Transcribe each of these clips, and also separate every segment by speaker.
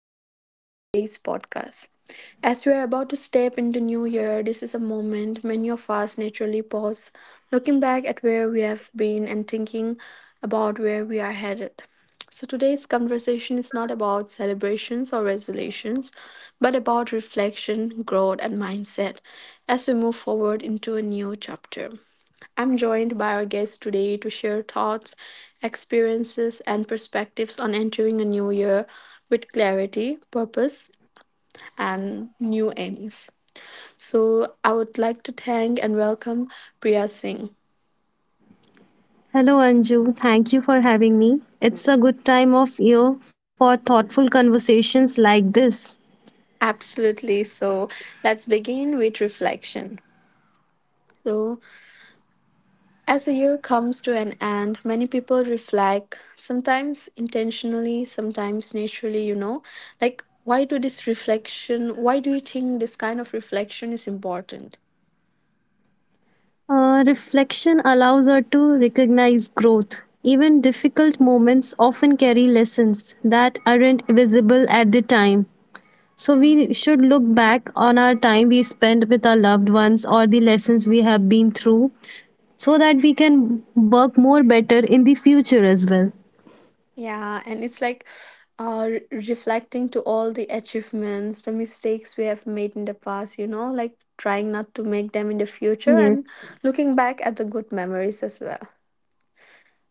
Speaker 1: and welcome to today's podcast. As we are about to step into new year, this is a moment many of us naturally pause, looking back at where we have been and thinking about where we are headed. So today's conversation is not about celebrations or resolutions, but about reflection, growth and mindset as we move forward into a new chapter. I'm joined by our guest today to share thoughts, experiences, and perspectives on entering a new year with clarity, purpose, and new aims. So, I would like to thank and welcome Priya Singh.
Speaker 2: Hello, Anju. Thank you for having me. It's a good time of year for thoughtful conversations like this.
Speaker 1: Absolutely. So, let's begin with reflection. So, As the year comes to an end, many people reflect, sometimes intentionally, sometimes naturally, Like, why do this reflection, why do you think this kind of reflection is important?
Speaker 2: Reflection allows us to recognize growth. Even difficult moments often carry lessons that aren't visible at the time. So, we should look back on our time we spent with our loved ones or the lessons we have been through so that we can work more better in the future as well.
Speaker 1: Yeah, and it's like reflecting to all the achievements, the mistakes we have made in the past, you know, like trying not to make them in the
Speaker 2: Yes.
Speaker 1: future and looking back at the good memories as well.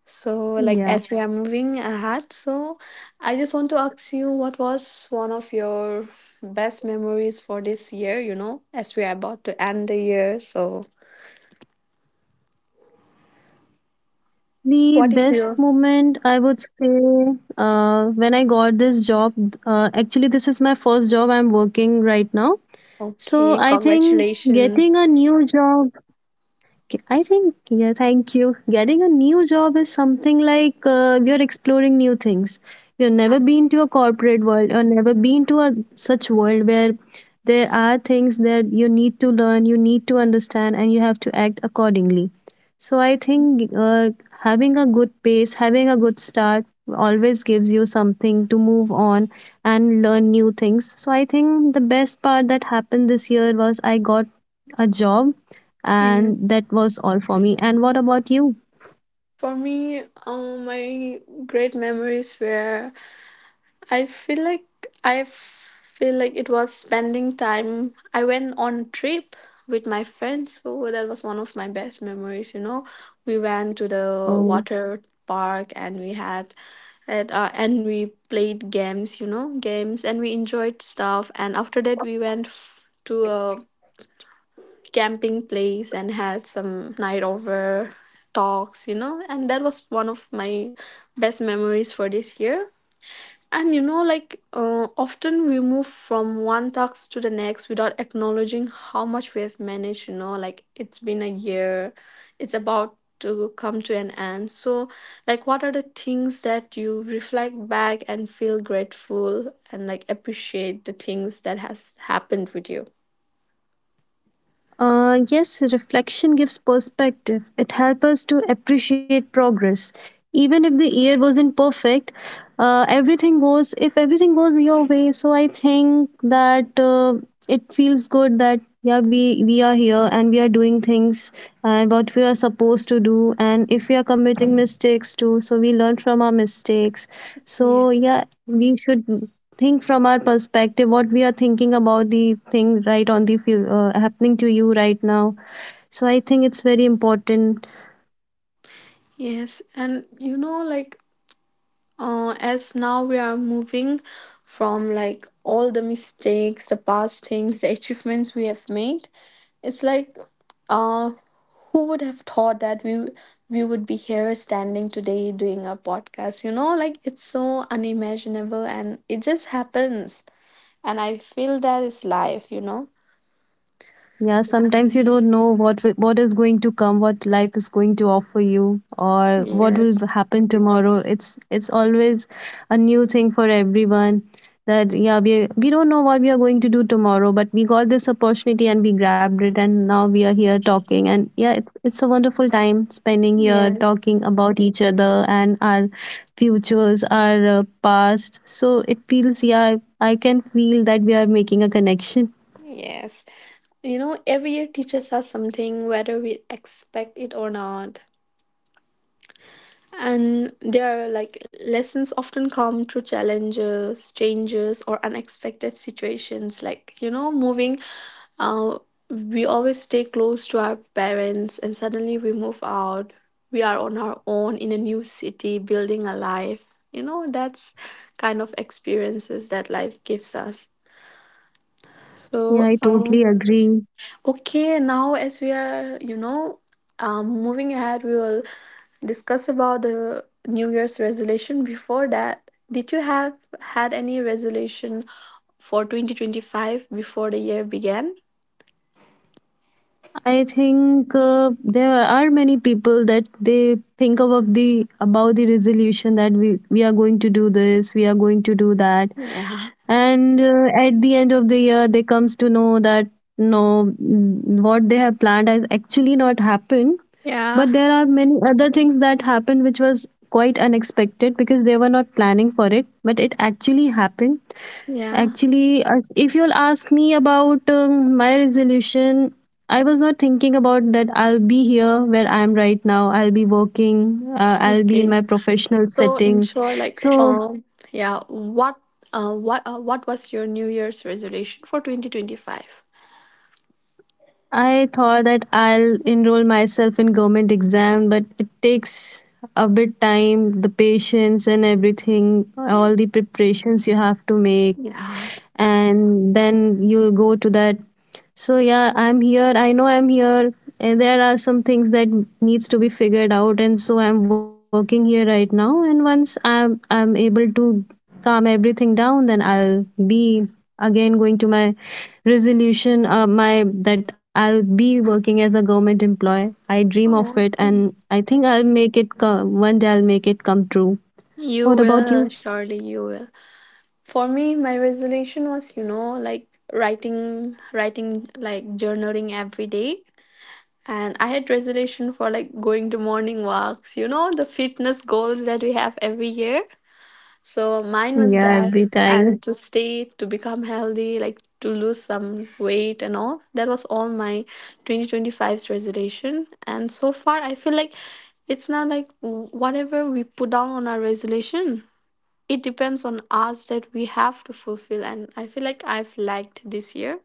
Speaker 1: So,
Speaker 2: Yeah.
Speaker 1: like, as we are moving ahead, so I just want to ask you what was one of your best memories for this year, you know, as we are about to end the year. So,
Speaker 2: The
Speaker 1: what is
Speaker 2: best
Speaker 1: your
Speaker 2: moment I would say when I got this job. Actually, this is my first job I'm working right now. So
Speaker 1: okay?
Speaker 2: I think getting
Speaker 1: Congratulations.
Speaker 2: a new job. Okay, I think, yeah, thank you. Getting a new job is something like, you're exploring new things. You've never been to a corporate world or never been to a such world where there are things that you need to learn, you need to understand, and you have to act accordingly. So I think, having a good pace, having a good start always gives you something to move on and learn new things. So I think the best part that happened this year was I got a job,
Speaker 1: And
Speaker 2: and that was all for me. And what about you?
Speaker 1: for me, my great memories were I feel like I feel like it was spending time. I went on a trip with my friends, so that was one of my best memories. You know, we went to the
Speaker 2: Oh,
Speaker 1: water park and we had and we played games. You know, games and we enjoyed stuff. And after that, to a camping place and had some night over talks. You know, and that was one of my best memories for this year. And you know, like often we move from one task to the next without acknowledging how much we have managed. You know, like it's been a year, it's about to come to an end. So, like, what are the things that you reflect back and feel grateful and like appreciate the things that has happened with you?
Speaker 2: yes, reflection gives perspective. It helps us to appreciate progress. Even if the year wasn't perfect, everything goes, if everything goes your way, so I think that, it feels good that, yeah, we are here and we are doing things and what we are supposed to do. And if we are committing mistakes too, so we learn from our mistakes. So,
Speaker 1: Yes.
Speaker 2: yeah, we should think from our perspective what we are thinking about the thing right on the happening to you right now. So I think it's very important.
Speaker 1: Yes, and you know, as now we are moving from like all the mistakes, the past things, the achievements we have made. It's like uh who would have thought that we would be here standing today doing a podcast? You know, like it's so unimaginable and it just happens, and I feel that is life, you know?
Speaker 2: Yeah, sometimes you don't know what what is going to come, what life is going to offer you, or what will
Speaker 1: Yes.
Speaker 2: happen tomorrow. It's always a new thing for everyone. That yeah, we don't know what we are going to do tomorrow, but we got this opportunity and we grabbed it, and now we are here talking. And yeah, it's a wonderful time spending here
Speaker 1: Yes.
Speaker 2: talking about each other and our futures, our past. So it feels, yeah, I can feel that we are making a connection.
Speaker 1: Yes. You know, every year teaches us something whether we expect it or not. And their like lessons often come through challenges, changes, or unexpected situations. Like you know, moving. Uh, we always stay close to our parents, and suddenly we move out. We are on our own in a new city, building a life. You know, that's kind of experiences that life gives us.
Speaker 2: Yeah,
Speaker 1: So,
Speaker 2: I totally
Speaker 1: um,
Speaker 2: agree.
Speaker 1: Okay, now as we are, you know, moving ahead, we will discuss about the New Year's resolution. Before that, did you have had any resolution for 2025 before the year began?
Speaker 2: I think, there are many people that they think about the resolution that we are going to do this, we are going to do that,
Speaker 1: Yeah.
Speaker 2: and at the end of the year they comes to know that no, what they have planned has actually not happened.
Speaker 1: Yeah.
Speaker 2: But there are many other things that happened which was quite unexpected because they were not planning for it, but it actually happened.
Speaker 1: Yeah.
Speaker 2: Actually, if you'll ask me about my resolution, I was not thinking about that I'll be here where I am right now. I'll be working, I'll be in
Speaker 1: Okay.
Speaker 2: my professional
Speaker 1: So, in
Speaker 2: setting.
Speaker 1: short,
Speaker 2: So
Speaker 1: yeah, what was your New Year's resolution for 2025?
Speaker 2: I thought that I'll enroll myself in government exam, but it takes a bit time, the patience and everything,
Speaker 1: Mm.
Speaker 2: all the preparations you have to make
Speaker 1: Yeah.
Speaker 2: and then you go to that. So yeah, I'm here, I know I'm here, and there are some things that needs to be figured out, and so I'm working here right now, and once I'm able to calm everything down, then I'll be again going to my resolution. My that I'll be working as a government employee, I dream of
Speaker 1: Oh,
Speaker 2: it,
Speaker 1: okay.
Speaker 2: and I think I'll make it come, one day I'll make it come true.
Speaker 1: You
Speaker 2: What about
Speaker 1: will
Speaker 2: you?
Speaker 1: surely you will. For me, my resolution was, you know, like writing, journaling every day, and I had resolution for like going to morning walks. You know, the fitness goals that we have every year, so mine was
Speaker 2: Yeah,
Speaker 1: that.
Speaker 2: every time.
Speaker 1: And to stay, to become healthy, like to lose some weight and all, that was all my 2025's resolution. And so far, I feel like it's not like whatever we put down on our resolution, it depends on us that we have to fulfill. And I feel like I've lagged this year,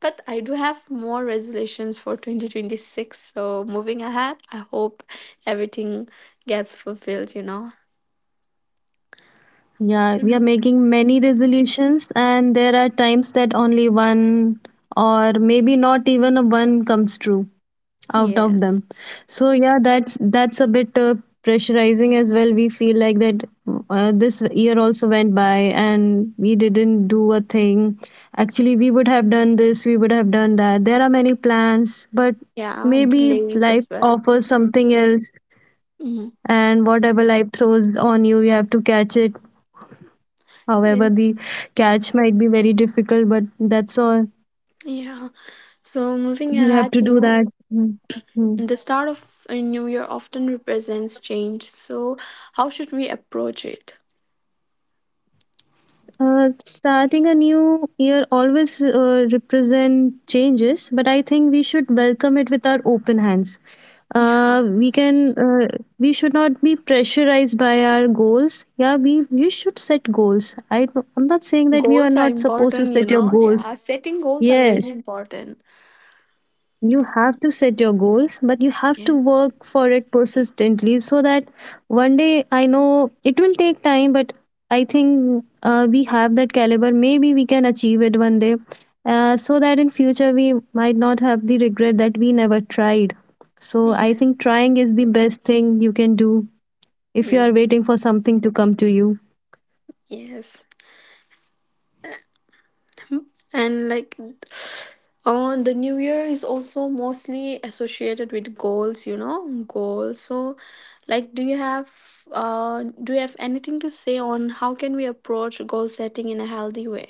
Speaker 1: but I do have more resolutions for 2026. So moving ahead, I hope everything gets fulfilled, you know.
Speaker 2: Yeah, we are
Speaker 1: Mhm.
Speaker 2: making many resolutions, and there are times that only one or maybe not even a one comes true out of
Speaker 1: Yes.
Speaker 2: them. So yeah, that's a bit, pressurizing as well. We feel like that, this year also went by and we didn't do a thing. Actually, we would have done this, we would have done that. There are many plans, but
Speaker 1: Yeah,
Speaker 2: maybe
Speaker 1: delays
Speaker 2: life
Speaker 1: as well.
Speaker 2: offers something else,
Speaker 1: Hmm.
Speaker 2: and whatever life throws on you, you have to catch it. However, the
Speaker 1: Yes.
Speaker 2: catch might be very difficult, but that's all.
Speaker 1: Yeah, so moving
Speaker 2: You have
Speaker 1: ahead,
Speaker 2: to
Speaker 1: you
Speaker 2: do
Speaker 1: know,
Speaker 2: that. Mm, mm.
Speaker 1: the start of a new year often represents change, so how should we approach it?
Speaker 2: Starting a new year always represent changes, but I think we should welcome it with our open hands.
Speaker 1: Yeah.
Speaker 2: Uh, we can uh, we should not be pressurized by our goals. Yeah, we should set goals. I, I'm not saying that we are
Speaker 1: Goals are
Speaker 2: not supposed to
Speaker 1: important, you
Speaker 2: set your
Speaker 1: know.
Speaker 2: goals.
Speaker 1: Yeah, setting goals are really
Speaker 2: Yes.
Speaker 1: important.
Speaker 2: You have to set your goals, but you have to
Speaker 1: Yeah.
Speaker 2: work for it persistently so that one day, I know it will take time, but I think, we have that caliber. Maybe we can achieve it one day, so that in future we might not have the regret that we never tried. So I think
Speaker 1: Yes,
Speaker 2: trying is the best thing you can do if you are
Speaker 1: yes,
Speaker 2: waiting for something to come to you.
Speaker 1: yes. And like, on the new year is also mostly associated with goals, you know, goals. So, like, do you have anything to say on how can we approach goal setting in a healthy way?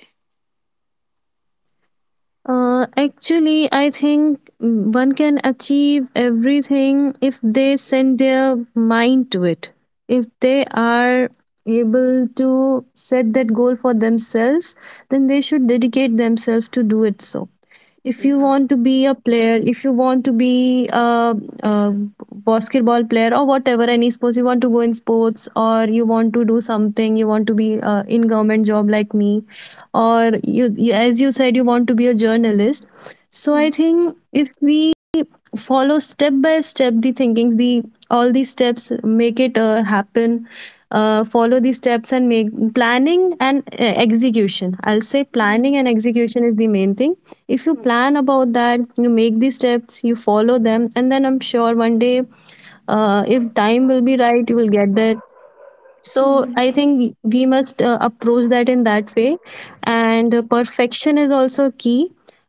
Speaker 2: Actually, I think one can achieve everything if they send their mind to it. If they are able to set that goal for themselves, then they should dedicate themselves to do it. So if you
Speaker 1: Yeah.
Speaker 2: want to be a player, if you want to be a basketball player, or whatever any sports, you want to go in sports, or you want to do something, you want to be in government job like me, or you as you said you want to be a journalist. So I
Speaker 1: Yes.
Speaker 2: think if we follow step by step the thinkings, the all these steps make it happen. Follow these steps and make planning and, execution, I'll say planning and execution is the main thing. If you plan about that, you make these steps, you follow them, and then I'm sure one day, if time will be right, you will get that. So I
Speaker 1: Yes.
Speaker 2: think we must approach that in that way, and perfection is also key.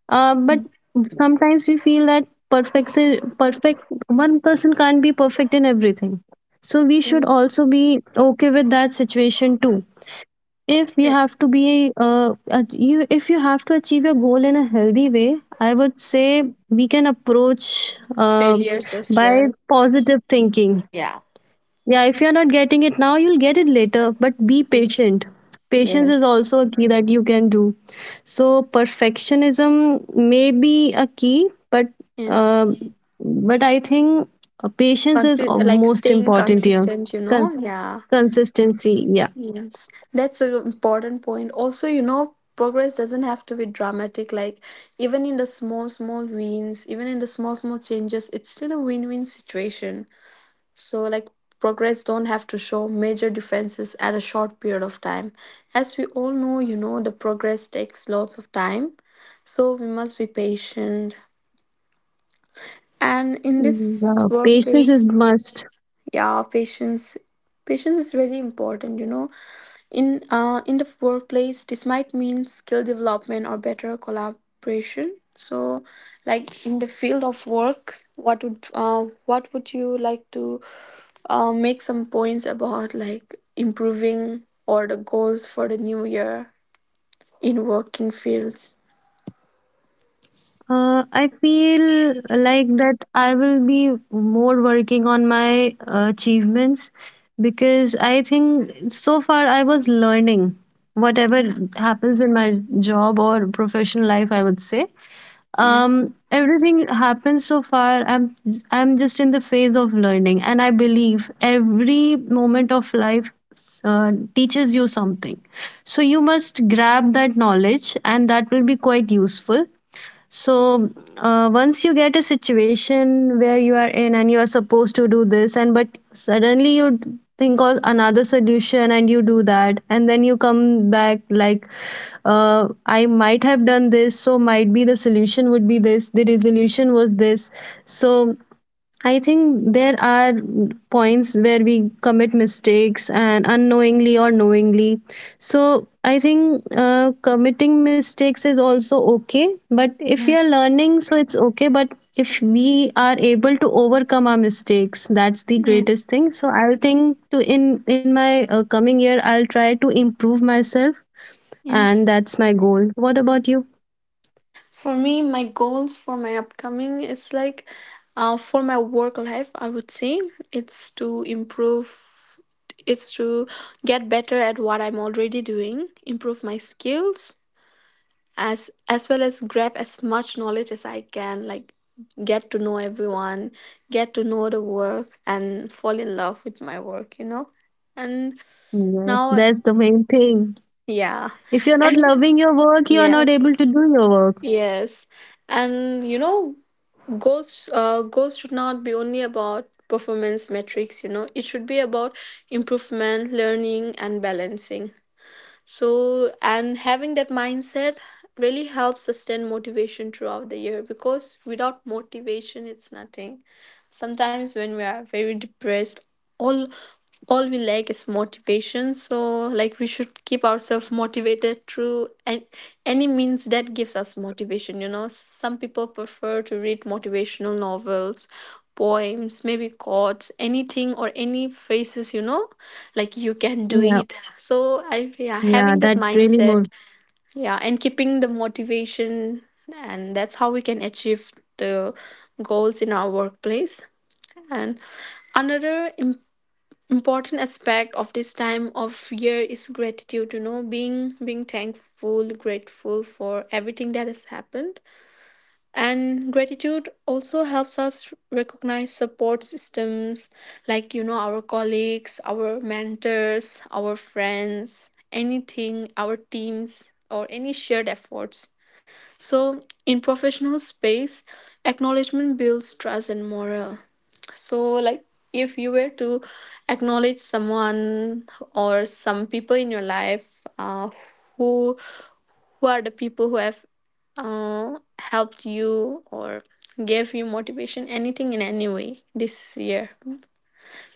Speaker 2: But sometimes we feel that perfect one person can't be perfect in everything, so we should
Speaker 1: Yes.
Speaker 2: also be okay with that situation too. If you
Speaker 1: Yeah.
Speaker 2: have to be you if you have to achieve your goal in a healthy way, I would say we can approach
Speaker 1: Failures as
Speaker 2: by
Speaker 1: well.
Speaker 2: positive thinking.
Speaker 1: Yeah.
Speaker 2: Yeah, if you're not getting it now, you'll get it later, but be
Speaker 1: Yeah.
Speaker 2: patient. Patience is
Speaker 1: Yes.
Speaker 2: also a key that you can do. So perfectionism may be a key, but
Speaker 1: Yes.
Speaker 2: um I think, patience is
Speaker 1: Like
Speaker 2: most
Speaker 1: staying
Speaker 2: important here.
Speaker 1: consistent, you know?
Speaker 2: Con-
Speaker 1: Yeah.
Speaker 2: Consistency, yeah.
Speaker 1: Yes. That's an important point. Also, you know, progress doesn't have to be dramatic. Like, even in the small, small wins, even in the small, small changes, it's still a win win situation. So, like, progress don't have to show major differences at a short period of time. As we all know, you know, the progress takes lots of time. So, we must be patient. And in this
Speaker 2: Yeah, patience is
Speaker 1: workplace,
Speaker 2: must.
Speaker 1: yeah, patience is very important, you know. In the workplace this might mean skill development or better collaboration. So, like, in the field of work, what would you like to make some points about like improving or the goals for the new year in working fields?
Speaker 2: I feel like that I will be more working on my achievements because I think so far I was learning whatever
Speaker 1: Yeah.
Speaker 2: happens in my job or professional life, I would say.
Speaker 1: Yes.
Speaker 2: Everything happens so far. I'm just in the phase of learning, and I believe every moment of life teaches you something. So you must grab that knowledge, and that will be quite useful. So once you get a situation where you are in and you are supposed to do this, and but suddenly you think of another solution and you do that, and then you come back like, I might have done this, so might be the solution would be this, the resolution was this. So I think there are points where we commit mistakes and unknowingly or knowingly. So I think, committing mistakes is also okay. But if we are
Speaker 1: Yes.
Speaker 2: learning, so it's okay. But if we are able to overcome our mistakes, that's the
Speaker 1: Yes.
Speaker 2: greatest thing. So I'll think to in my coming year, I'll try to improve myself, and
Speaker 1: Yes.
Speaker 2: that's my goal. What about you?
Speaker 1: For me, my goals for my upcoming is like, for my work life, I would say it's to improve, it's to get better at what I'm already doing, improve my skills, as well as grab as much knowledge as I can, like get to know everyone, get to know the work and fall in love with my work, you know? And
Speaker 2: Yes,
Speaker 1: now
Speaker 2: that's the main thing.
Speaker 1: yeah.
Speaker 2: If you're not
Speaker 1: And
Speaker 2: loving your work, you are not
Speaker 1: yes,
Speaker 2: able to do your work.
Speaker 1: yes. And you know, goals, goals should not be only about performance metrics. You know, it should be about improvement, learning and balancing. So, and having that mindset really helps sustain motivation throughout the year, because without motivation it's nothing. Sometimes when we are very depressed, all all we lack is motivation. So like, we should keep ourselves motivated through and any means that gives us motivation, you know. Some people prefer to read motivational novels, poems, maybe quotes, anything, or any phrases, you know, like you can do
Speaker 2: Yeah.
Speaker 1: it. So I, yeah,
Speaker 2: Yeah,
Speaker 1: having that
Speaker 2: that really
Speaker 1: mindset.
Speaker 2: moves.
Speaker 1: Yeah, and keeping the motivation, and that's how we can achieve the goals in our workplace. And another important aspect of this time of year is gratitude. You know, being thankful, grateful for everything that has happened. And gratitude also helps us recognize support systems, like, you know, our colleagues, our mentors, our friends, anything, our teams, or any shared efforts. So, in professional space, acknowledgement builds trust and morale. So, like, if you were to acknowledge someone or some people in your life, who who are the people who have helped you or gave you motivation, anything in any way this year?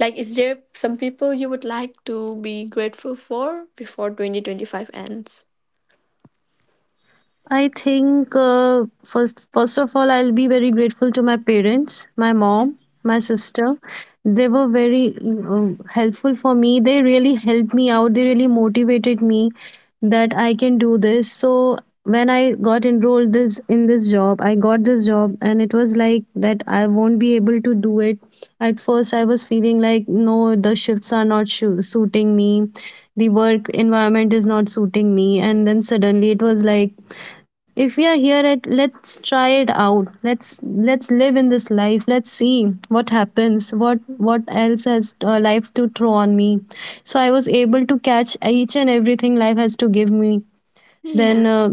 Speaker 1: Like, is there some people you would like to be grateful for before 2025 ends?
Speaker 2: I think, first of all, I'll be very grateful to my parents, my mom, my sister. They were very, helpful for me. They really helped me out. They really motivated me that I can do this. So when I got enrolled this in this job, I got this job, and it was like that I won't be able to do it at first. I was feeling like, no, the shifts are not suiting me. The work environment is not suiting me. And then suddenly it was like, if we are here at, let's try it out, let's live in this life, let's see what happens, what else has, life to throw on me. So I was able to catch each and everything life has to give me. Then,
Speaker 1: Yes.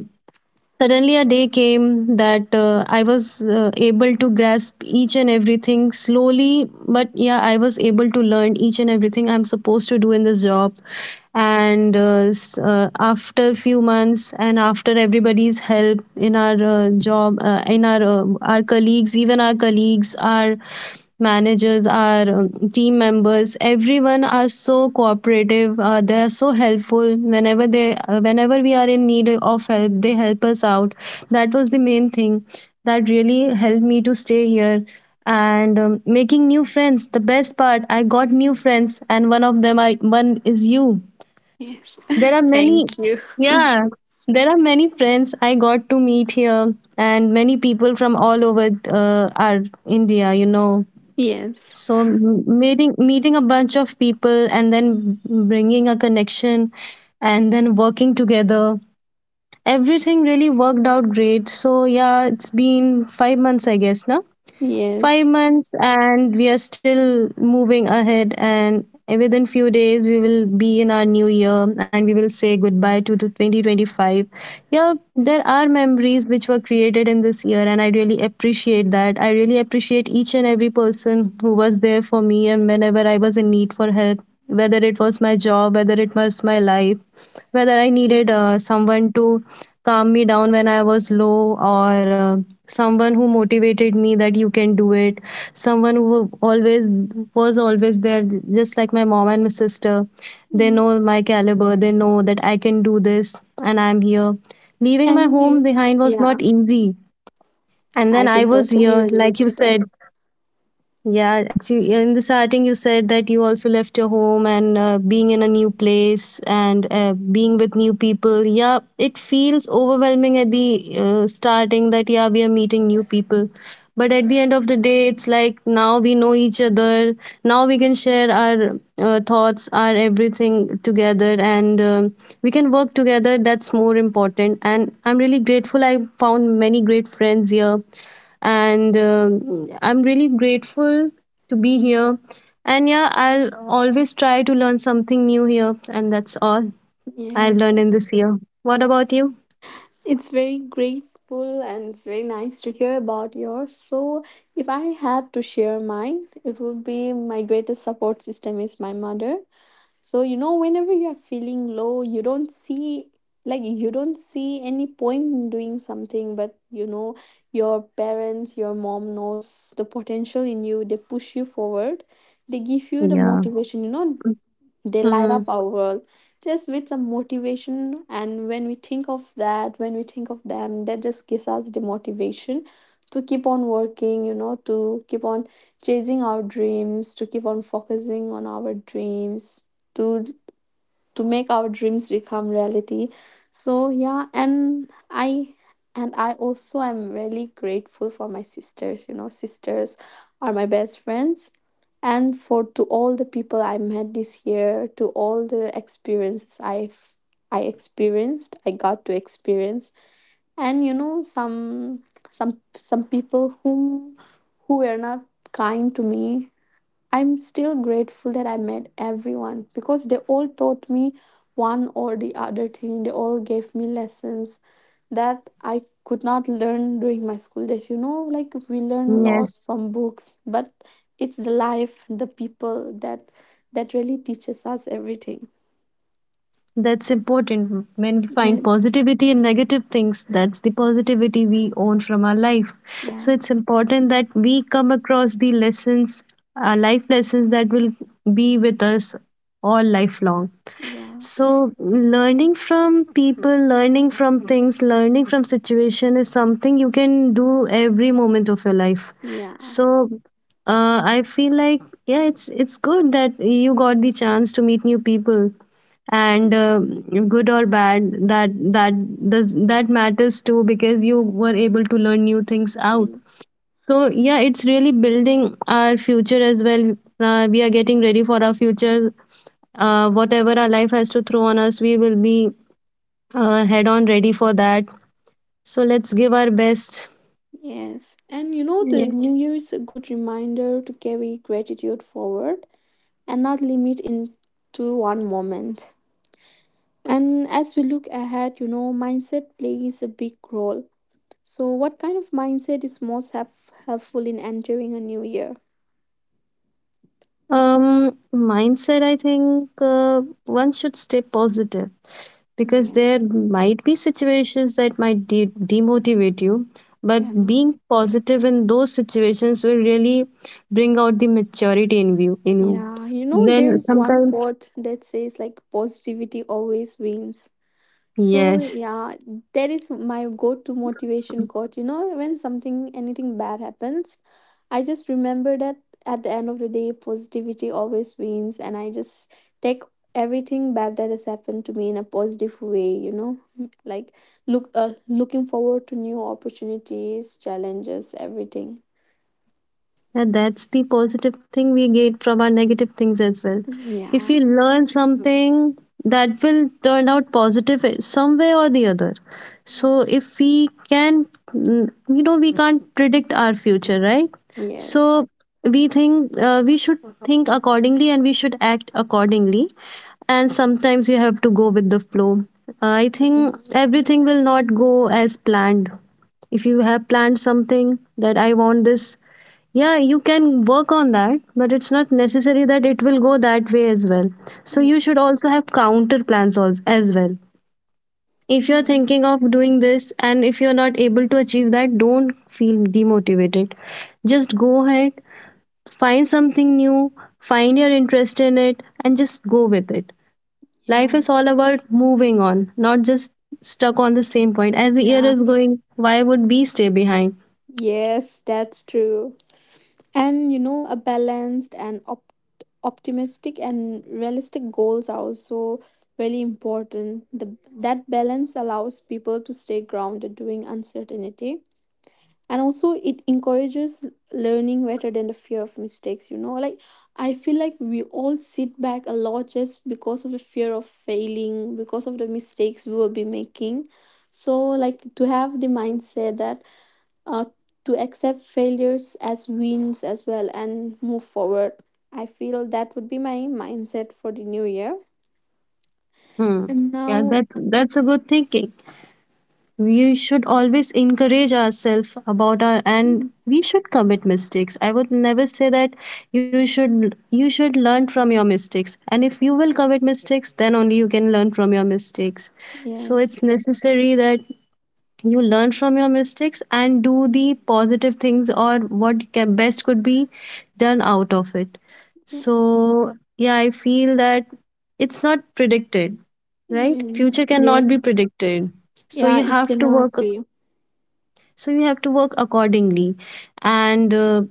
Speaker 2: suddenly a day came that, I was able to grasp each and everything slowly, but yeah, I was able to learn each and everything I'm supposed to do in this job. After few months, and after everybody's help in our job, in our colleagues, even our colleagues, our managers, our team members, everyone are so cooperative. They are so helpful. Whenever they whenever we are in need of help, they help us out. That was the main thing that really helped me to stay here. And making new friends, the best part, I got new friends, and one of them I one is you.
Speaker 1: Yes.
Speaker 2: There are many.
Speaker 1: Thank you.
Speaker 2: Yeah, there are many friends I got to meet here, and many people from all over our India,
Speaker 1: Yes.
Speaker 2: so meeting a bunch of people and then bringing a connection and then working together. Everything really worked out great. So yeah, it's been 5 months, I guess. Now five
Speaker 1: Yes.
Speaker 2: months and we are still moving ahead, and within few days we will be in our new year, and we will say goodbye to 2025. Yeah, there are memories which were created in this year, and I really appreciate that. I really appreciate each and every person who was there for me and whenever I was in need for help, whether it was my job, whether it was my life, whether I needed
Speaker 1: Yes.
Speaker 2: someone to calm me down when I was low, or someone who motivated me that you can do it, someone who always was always there, just like my mom and my sister. They
Speaker 1: Yeah.
Speaker 2: know my caliber, they know that I can do this, and I'm here. Leaving my
Speaker 1: And
Speaker 2: home
Speaker 1: you.
Speaker 2: behind was
Speaker 1: Yeah,
Speaker 2: not easy. And
Speaker 1: I
Speaker 2: then
Speaker 1: can
Speaker 2: I was
Speaker 1: totally
Speaker 2: here,
Speaker 1: relate
Speaker 2: like you
Speaker 1: to that.
Speaker 2: said, yeah, actually, in the starting, you said that you also left your home and being in a new place and being with new people. Yeah, it feels overwhelming at the starting that, yeah, we are meeting new people. But at the end of the day, it's like now we know each other. Now we can share our thoughts, our everything together, and we can work together. That's more important. And I'm really grateful I found many great friends here, and I'm really grateful to be here. And yeah, I'll always try to learn something new here, and that's all I've
Speaker 1: Yes.
Speaker 2: learned in this year. What about you?
Speaker 1: It's very grateful and it's very nice to hear about yours. So, if I had to share mine, it would be my greatest support system is my mother. So you know, whenever you're feeling low, you don't see, like, you don't see any point in doing something, but you know, your parents, your mom knows the potential in you, they push you forward, they give you the
Speaker 2: Yeah.
Speaker 1: motivation, you know, they light up
Speaker 2: Hmm.
Speaker 1: our world just with some motivation. And when we think of that, when we think of them, that just gives us the motivation to keep on working, you know, to keep on chasing our dreams, to keep on focusing on our dreams, to to make our dreams become reality. So yeah, and I and I also am really grateful for my sisters. You know, sisters are my best friends. And for to all the people I met this year, to all the experiences I experienced, I got to experience. And you know, some, some people whom, who were not kind to me, I'm still grateful that I met everyone, because they all taught me one or the other thing. They all gave me lessons that I could not learn during my school days. You know, like we learn a lot
Speaker 2: Yes.
Speaker 1: from books, but it's the life, the people that really teaches us everything.
Speaker 2: That's important. When we find
Speaker 1: Yes.
Speaker 2: positivity in negative things, that's the positivity we own from our life. So
Speaker 1: Yeah.
Speaker 2: it's important that we come across the lessons, our life lessons that will be with us all lifelong.
Speaker 1: Yeah.
Speaker 2: So learning from people, learning from things, learning from situation is something you can do every moment of your life.
Speaker 1: Yeah.
Speaker 2: So I feel like yeah, it's good that you got the chance to meet new people, and good or bad, that does that matters too, because you were able to learn new things out.
Speaker 1: Yes.
Speaker 2: So yeah, it's really building our future as well. We are getting ready for our future. Whatever our life has to throw on us, we will be head on ready for that. So let's give our best.
Speaker 1: Yes. And you know, the New Year is a good reminder to carry gratitude forward and not limit into one moment. And as we look ahead, you know, mindset plays a big role. So, what kind of mindset is most helpful in entering a new year?
Speaker 2: Mindset, I think one should stay positive, because there
Speaker 1: Yes.
Speaker 2: might be situations that might demotivate you,
Speaker 1: Yeah.
Speaker 2: but
Speaker 1: No.
Speaker 2: being positive in those situations will really bring out the maturity in you. In you.
Speaker 1: Yeah, you know,
Speaker 2: Then
Speaker 1: there's one
Speaker 2: sometimes,
Speaker 1: quote that says, like, positivity always wins. So
Speaker 2: yes.
Speaker 1: yeah, that is my go-to motivation quote. You know, when something anything bad happens, I just remember that at the end of the day, positivity always wins, and I just take everything bad that has happened to me in a positive way. You know, like looking forward to new opportunities, challenges, everything.
Speaker 2: And that's the positive thing we get from our negative things as well. If
Speaker 1: Yeah.
Speaker 2: we learn something, that will turn out positive some way or the other. So, if we can, you know, we can't predict our future, right?
Speaker 1: Yes.
Speaker 2: So, we think we should think accordingly, and we should act accordingly. And sometimes you have to go with the flow. I think
Speaker 1: Yes.
Speaker 2: everything will not go as planned if you have planned something. That I want this, yeah, you can work on that, but it's not necessary that it will go that way as well. So you
Speaker 1: Yes.
Speaker 2: should also have counter plans as well. If you're
Speaker 1: Yes.
Speaker 2: thinking of doing this and if you're not able to achieve that, don't feel demotivated. Just go ahead, find something new, find your interest in it, and just go with it. Life
Speaker 1: Yeah.
Speaker 2: is all about moving on, not just stuck on the same point. As the year
Speaker 1: Yeah.
Speaker 2: is going, why would we stay behind?
Speaker 1: Yes, that's true. And you know, a balanced and optimistic and realistic goals are also really that balance allows people to stay grounded during uncertainty, and also it encourages learning rather than the fear of mistakes. You know, like I feel like we all sit back a lot just because of the fear of failing, because of the mistakes we will be making. So, like, to have the mindset that uh, to accept failures as wins as well and move forward. I feel that would be my mindset for the new year.
Speaker 2: Hmm.
Speaker 1: And
Speaker 2: Yeah,
Speaker 1: now,
Speaker 2: that's a good thinking. We should always encourage ourselves about our, and
Speaker 1: mm,
Speaker 2: we should commit mistakes. I would never say that. You should learn from your mistakes, and if you will commit mistakes, then only you can learn from your mistakes. So
Speaker 1: yes,
Speaker 2: it's necessary that you learn from your mistakes and do the positive things, or what best could be done out of it. So
Speaker 1: yes,
Speaker 2: yeah, I feel that it's not predicted. Right,
Speaker 1: yes,
Speaker 2: future cannot be
Speaker 1: yes,
Speaker 2: predicted. So
Speaker 1: yeah,
Speaker 2: you
Speaker 1: it
Speaker 2: have to
Speaker 1: cannot
Speaker 2: work
Speaker 1: be.
Speaker 2: so you have to work accordingly. And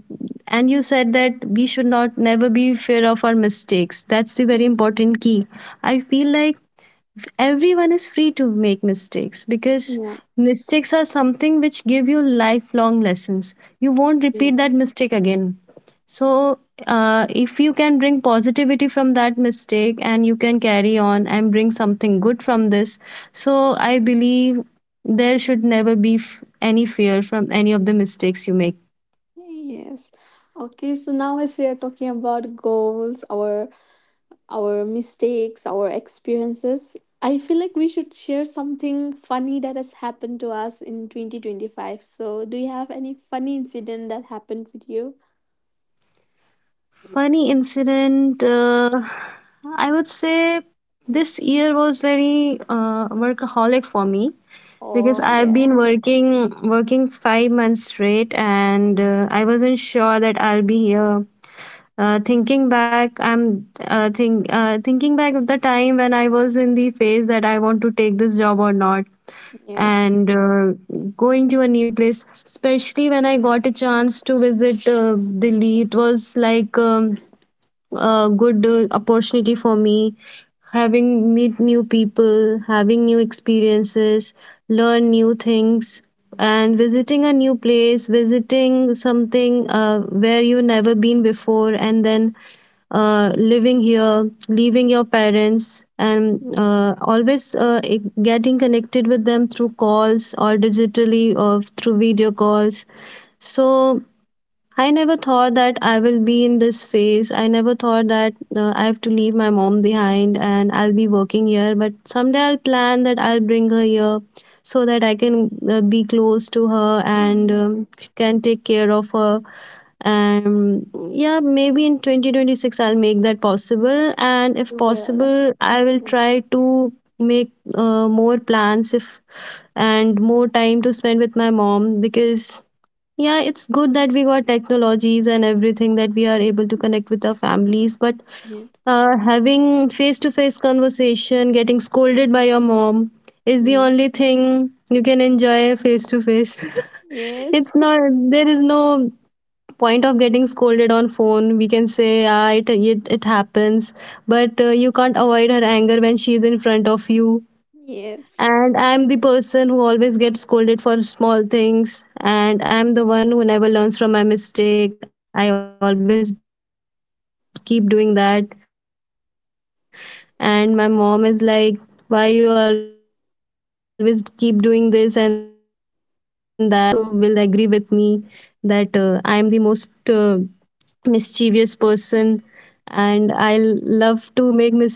Speaker 2: and you said that we should not never be fear of our mistakes. That's the very
Speaker 1: Yes,
Speaker 2: important key. I feel like everyone is free to make mistakes, because
Speaker 1: yeah,
Speaker 2: mistakes are something which give you lifelong lessons. You won't repeat that
Speaker 1: yes,
Speaker 2: mistake again. So if you can bring positivity from that mistake and you can carry on and bring something good from this, so I believe there should never be any fear from any of the mistakes you make.
Speaker 1: yes. Okay, so now, as we are talking about goals, our mistakes, our experiences. I feel like we should share something funny that has happened to us in 2025. So, do you have any funny incident that happened with you?
Speaker 2: Funny incident, I would say this year was very workaholic for me, because
Speaker 1: Oh,
Speaker 2: I've been
Speaker 1: yes.
Speaker 2: working 5 months straight, and I wasn't sure that I'll be here. Thinking back, I'm thinking back of the time when I was in the phase that I want to take this job or not,
Speaker 1: Yes.
Speaker 2: and going to a new place. Especially when I got a chance to visit Delhi, it was like. A good opportunity for me, having meet new people, having new experiences, learn new things, and visiting a new place, visiting something where you never been before, and then living here, leaving your parents, and getting connected with them through calls or digitally or through video calls. So I never thought that I will be in this phase. I never thought that I have to leave my mom behind and I'll be working here. But someday I'll plan that I'll bring her here, so that I can be close to her, and
Speaker 1: Mm.
Speaker 2: she can take care of her. And yeah, maybe in 2026 I'll make that possible. And if
Speaker 1: You will.
Speaker 2: possible, I will try to make more plans if and more time to spend with my mom, because yeah, it's good that we got technologies and everything that we are able to connect with our families, but
Speaker 1: Yes.
Speaker 2: having face to face conversation, getting scolded by your mom is the
Speaker 1: Mm.
Speaker 2: only thing you can enjoy face to face.
Speaker 1: Yes.
Speaker 2: It's not, there is no point of getting scolded on phone. We can say ah, it happens, but you can't avoid her anger when she is in front of you.
Speaker 1: Yes.
Speaker 2: And I'm the person who always gets scolded for small things, and I'm the one who never learns from my mistake. I always keep doing that. And my mom is like, why you always keep doing this and that? And being a younger sibling, I know my sister also will agree with me that I'm the most mischievous person, and I love to make mistakes, and I love to irritate them,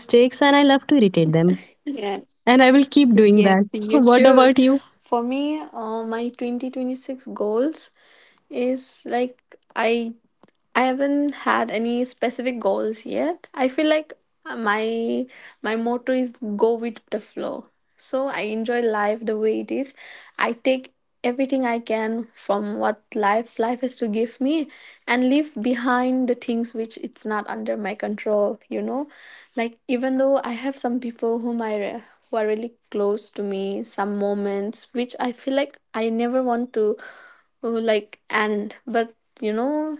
Speaker 2: and I will keep doing that.
Speaker 1: Yes.
Speaker 2: What about you?
Speaker 1: Yes, you should. For me, my 2026 goals is like, I I haven't had any specific goals yet. I feel like my motto is go with the flow. So I enjoy life the way it is. I take everything I can from what life has to give me, and leave behind the things which it's not under my control, you know? Like, even though I have some people who are really close to me, some moments which I feel like I never want to like end, but you know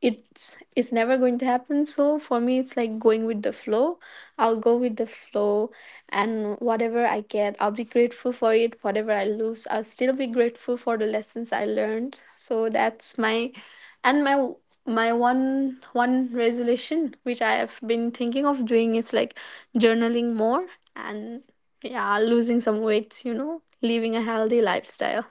Speaker 1: it's never going to happen. So for me it's like going with the flow. I'll go with the flow, and whatever I get, I'll be grateful for it. Whatever I lose, I'll still be grateful for the lessons I learned. So that's my, and my one resolution which I have been thinking of doing is like journaling more, and yeah, losing some weight, you know, living a healthy lifestyle.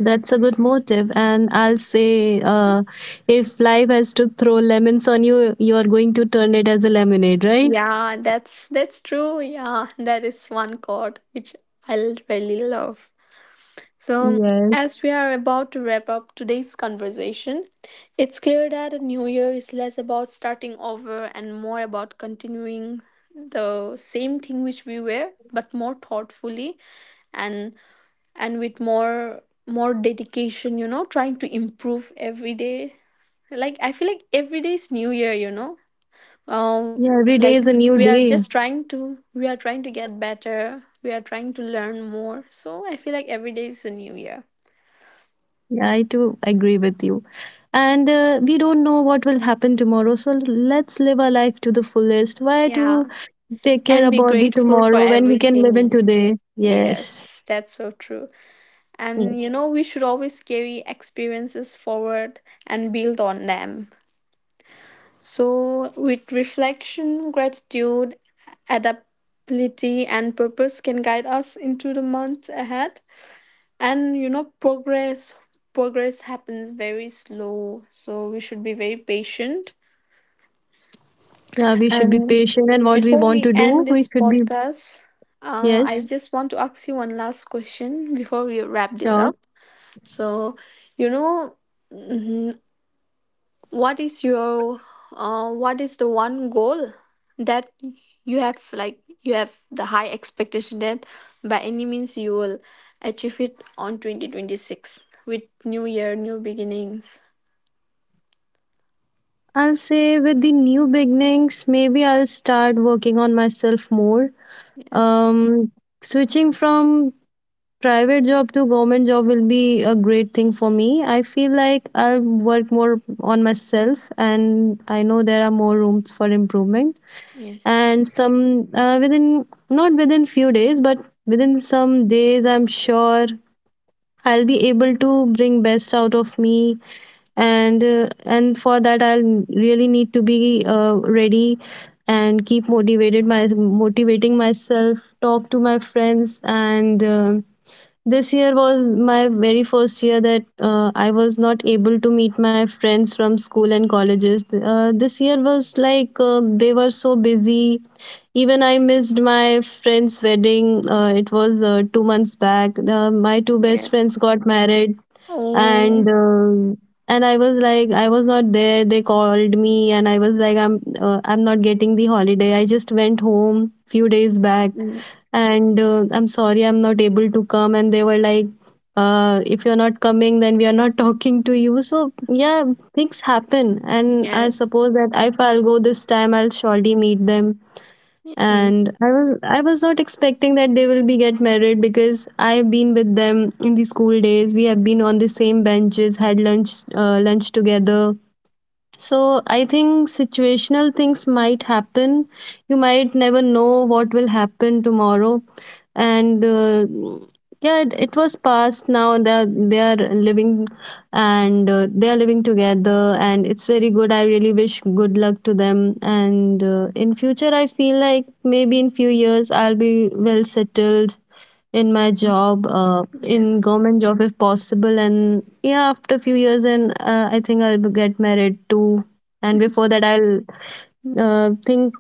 Speaker 2: That's a good motive. And I'll say if life has to throw lemons on you, you're going to turn it as a lemonade, right?
Speaker 1: Yeah, that's true. Yeah, that is one chord which I really love. So,
Speaker 2: Yes.
Speaker 1: as we are about to wrap up today's conversation, it's clear that a new year is less about starting over and more about continuing the same thing which we were, but more thoughtfully, and and with more dedication, you know, trying to improve every day. Like, I feel like every day is new year, you know, um
Speaker 2: Yeah, every day is
Speaker 1: like
Speaker 2: a new
Speaker 1: we are
Speaker 2: day.
Speaker 1: just trying to, we are trying to get better, we are trying to learn more, so I feel like every day is a new year.
Speaker 2: Yeah, I too agree with you. And we don't know what will happen tomorrow. So let's live our life to the fullest. Why
Speaker 1: Yeah,
Speaker 2: to take care
Speaker 1: and be
Speaker 2: about the
Speaker 1: grateful for
Speaker 2: tomorrow when we can live in
Speaker 1: everything.
Speaker 2: today? Yes.
Speaker 1: Yes, that's so true. And you
Speaker 2: Yes.
Speaker 1: know, we should always carry experiences forward and build on them. So with reflection, gratitude, adaptability, and purpose can guide us into the months ahead. And you know, progress happens very slow, so we should be very patient.
Speaker 2: Yeah, we should be
Speaker 1: And
Speaker 2: patient, and what we
Speaker 1: before
Speaker 2: want
Speaker 1: we
Speaker 2: to do,
Speaker 1: end
Speaker 2: we
Speaker 1: this
Speaker 2: should be,
Speaker 1: podcast, I
Speaker 2: yes.
Speaker 1: just want to ask you one last question before we wrap this
Speaker 2: Yeah.
Speaker 1: up. So, you know, mm, what is your what is the one goal that you have, like you have the high expectation that by any means you will achieve it on 2026 with new year new beginnings.
Speaker 2: I'll say with the new beginnings, maybe I'll start working on myself more.
Speaker 1: Yes,
Speaker 2: Um, Switching from private job to government job will be a great thing for me. I feel like I'll work more on myself, and I know there are more rooms for improvement.
Speaker 1: yes,
Speaker 2: And some within not within few days, but within some days, I'm sure I'll be able to bring best out of me, and and for that I'll really need to be ready and keep motivated, my motivating myself, talk to my friends, and this year was my very first year that I was not able to meet my friends from school and colleges. This year was like they were so busy. Even I missed my friend's wedding. It was 2 months back. My two best friends
Speaker 1: yes,
Speaker 2: got married,
Speaker 1: oh,
Speaker 2: and uh, and I was like, I was not there. They called me and I was like, I'm I'm not getting the holiday. I just went home few days back,
Speaker 1: mm,
Speaker 2: and I'm sorry I'm not able to come. And they were like, if you're not coming, then we are not talking to you. So yeah, things happen, and I
Speaker 1: yes,
Speaker 2: suppose that if I'll go this time, I'll surely meet them. And
Speaker 1: yes,
Speaker 2: I was not expecting that they will be get married, because I've been with them in the school days. We have been on the same benches, had lunch together. So I think situational things might happen. You might never know what will happen tomorrow, and yeah, it was past. Now they are living, and they are living together, and it's very good. I really wish good luck to them. And in future, I feel like maybe in few years I'll be well settled, in my job,
Speaker 1: yes,
Speaker 2: in government job if possible. And yeah, after a few years, and I think I'll get married too, and before that I'll think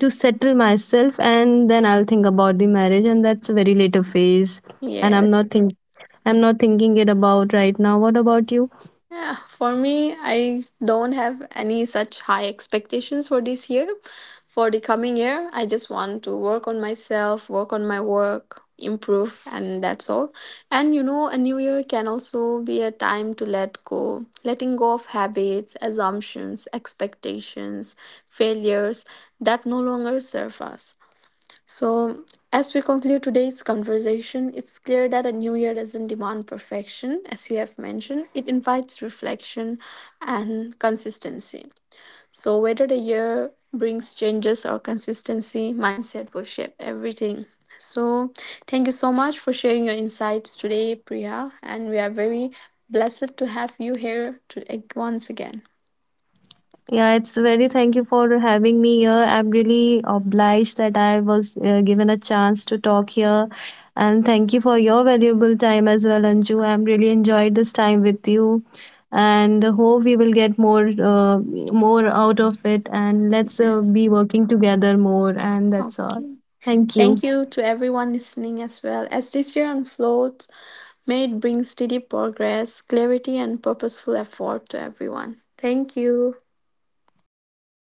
Speaker 2: to settle myself, and then I'll think about the marriage, and that's a very later phase. And
Speaker 1: yes.
Speaker 2: I'm not thinking it about right now. What about you?
Speaker 1: Yeah, for me, I don't have any such high expectations for this year. For the coming year, I just want to work on myself, work on my work, improve, and that's all. And you know, a new year can also be a time to let go, letting go of habits, assumptions, expectations, failures that no longer serve us. So, as we conclude today's conversation, it's clear that a new year doesn't demand perfection. As we have mentioned, it invites reflection and consistency. So, whether the year brings changes or consistency, mindset will shape everything. So, thank you so much for sharing your insights today, Priya, and we are very blessed to have you here to, once again.
Speaker 2: Yeah, it's very thank you for having me here. I'm really obliged that I was given a chance to talk here. And thank you for your valuable time as well, Anju. I'm really enjoyed this time with you, and hope we will get more more out of it, and let's
Speaker 1: Yes.
Speaker 2: be working together more, and that's all.
Speaker 1: Okay.
Speaker 2: Thank you.
Speaker 1: Thank you to everyone listening as well. As this year unfolds, may it bring steady progress, clarity, and purposeful effort to everyone. Thank you.
Speaker 2: Thank you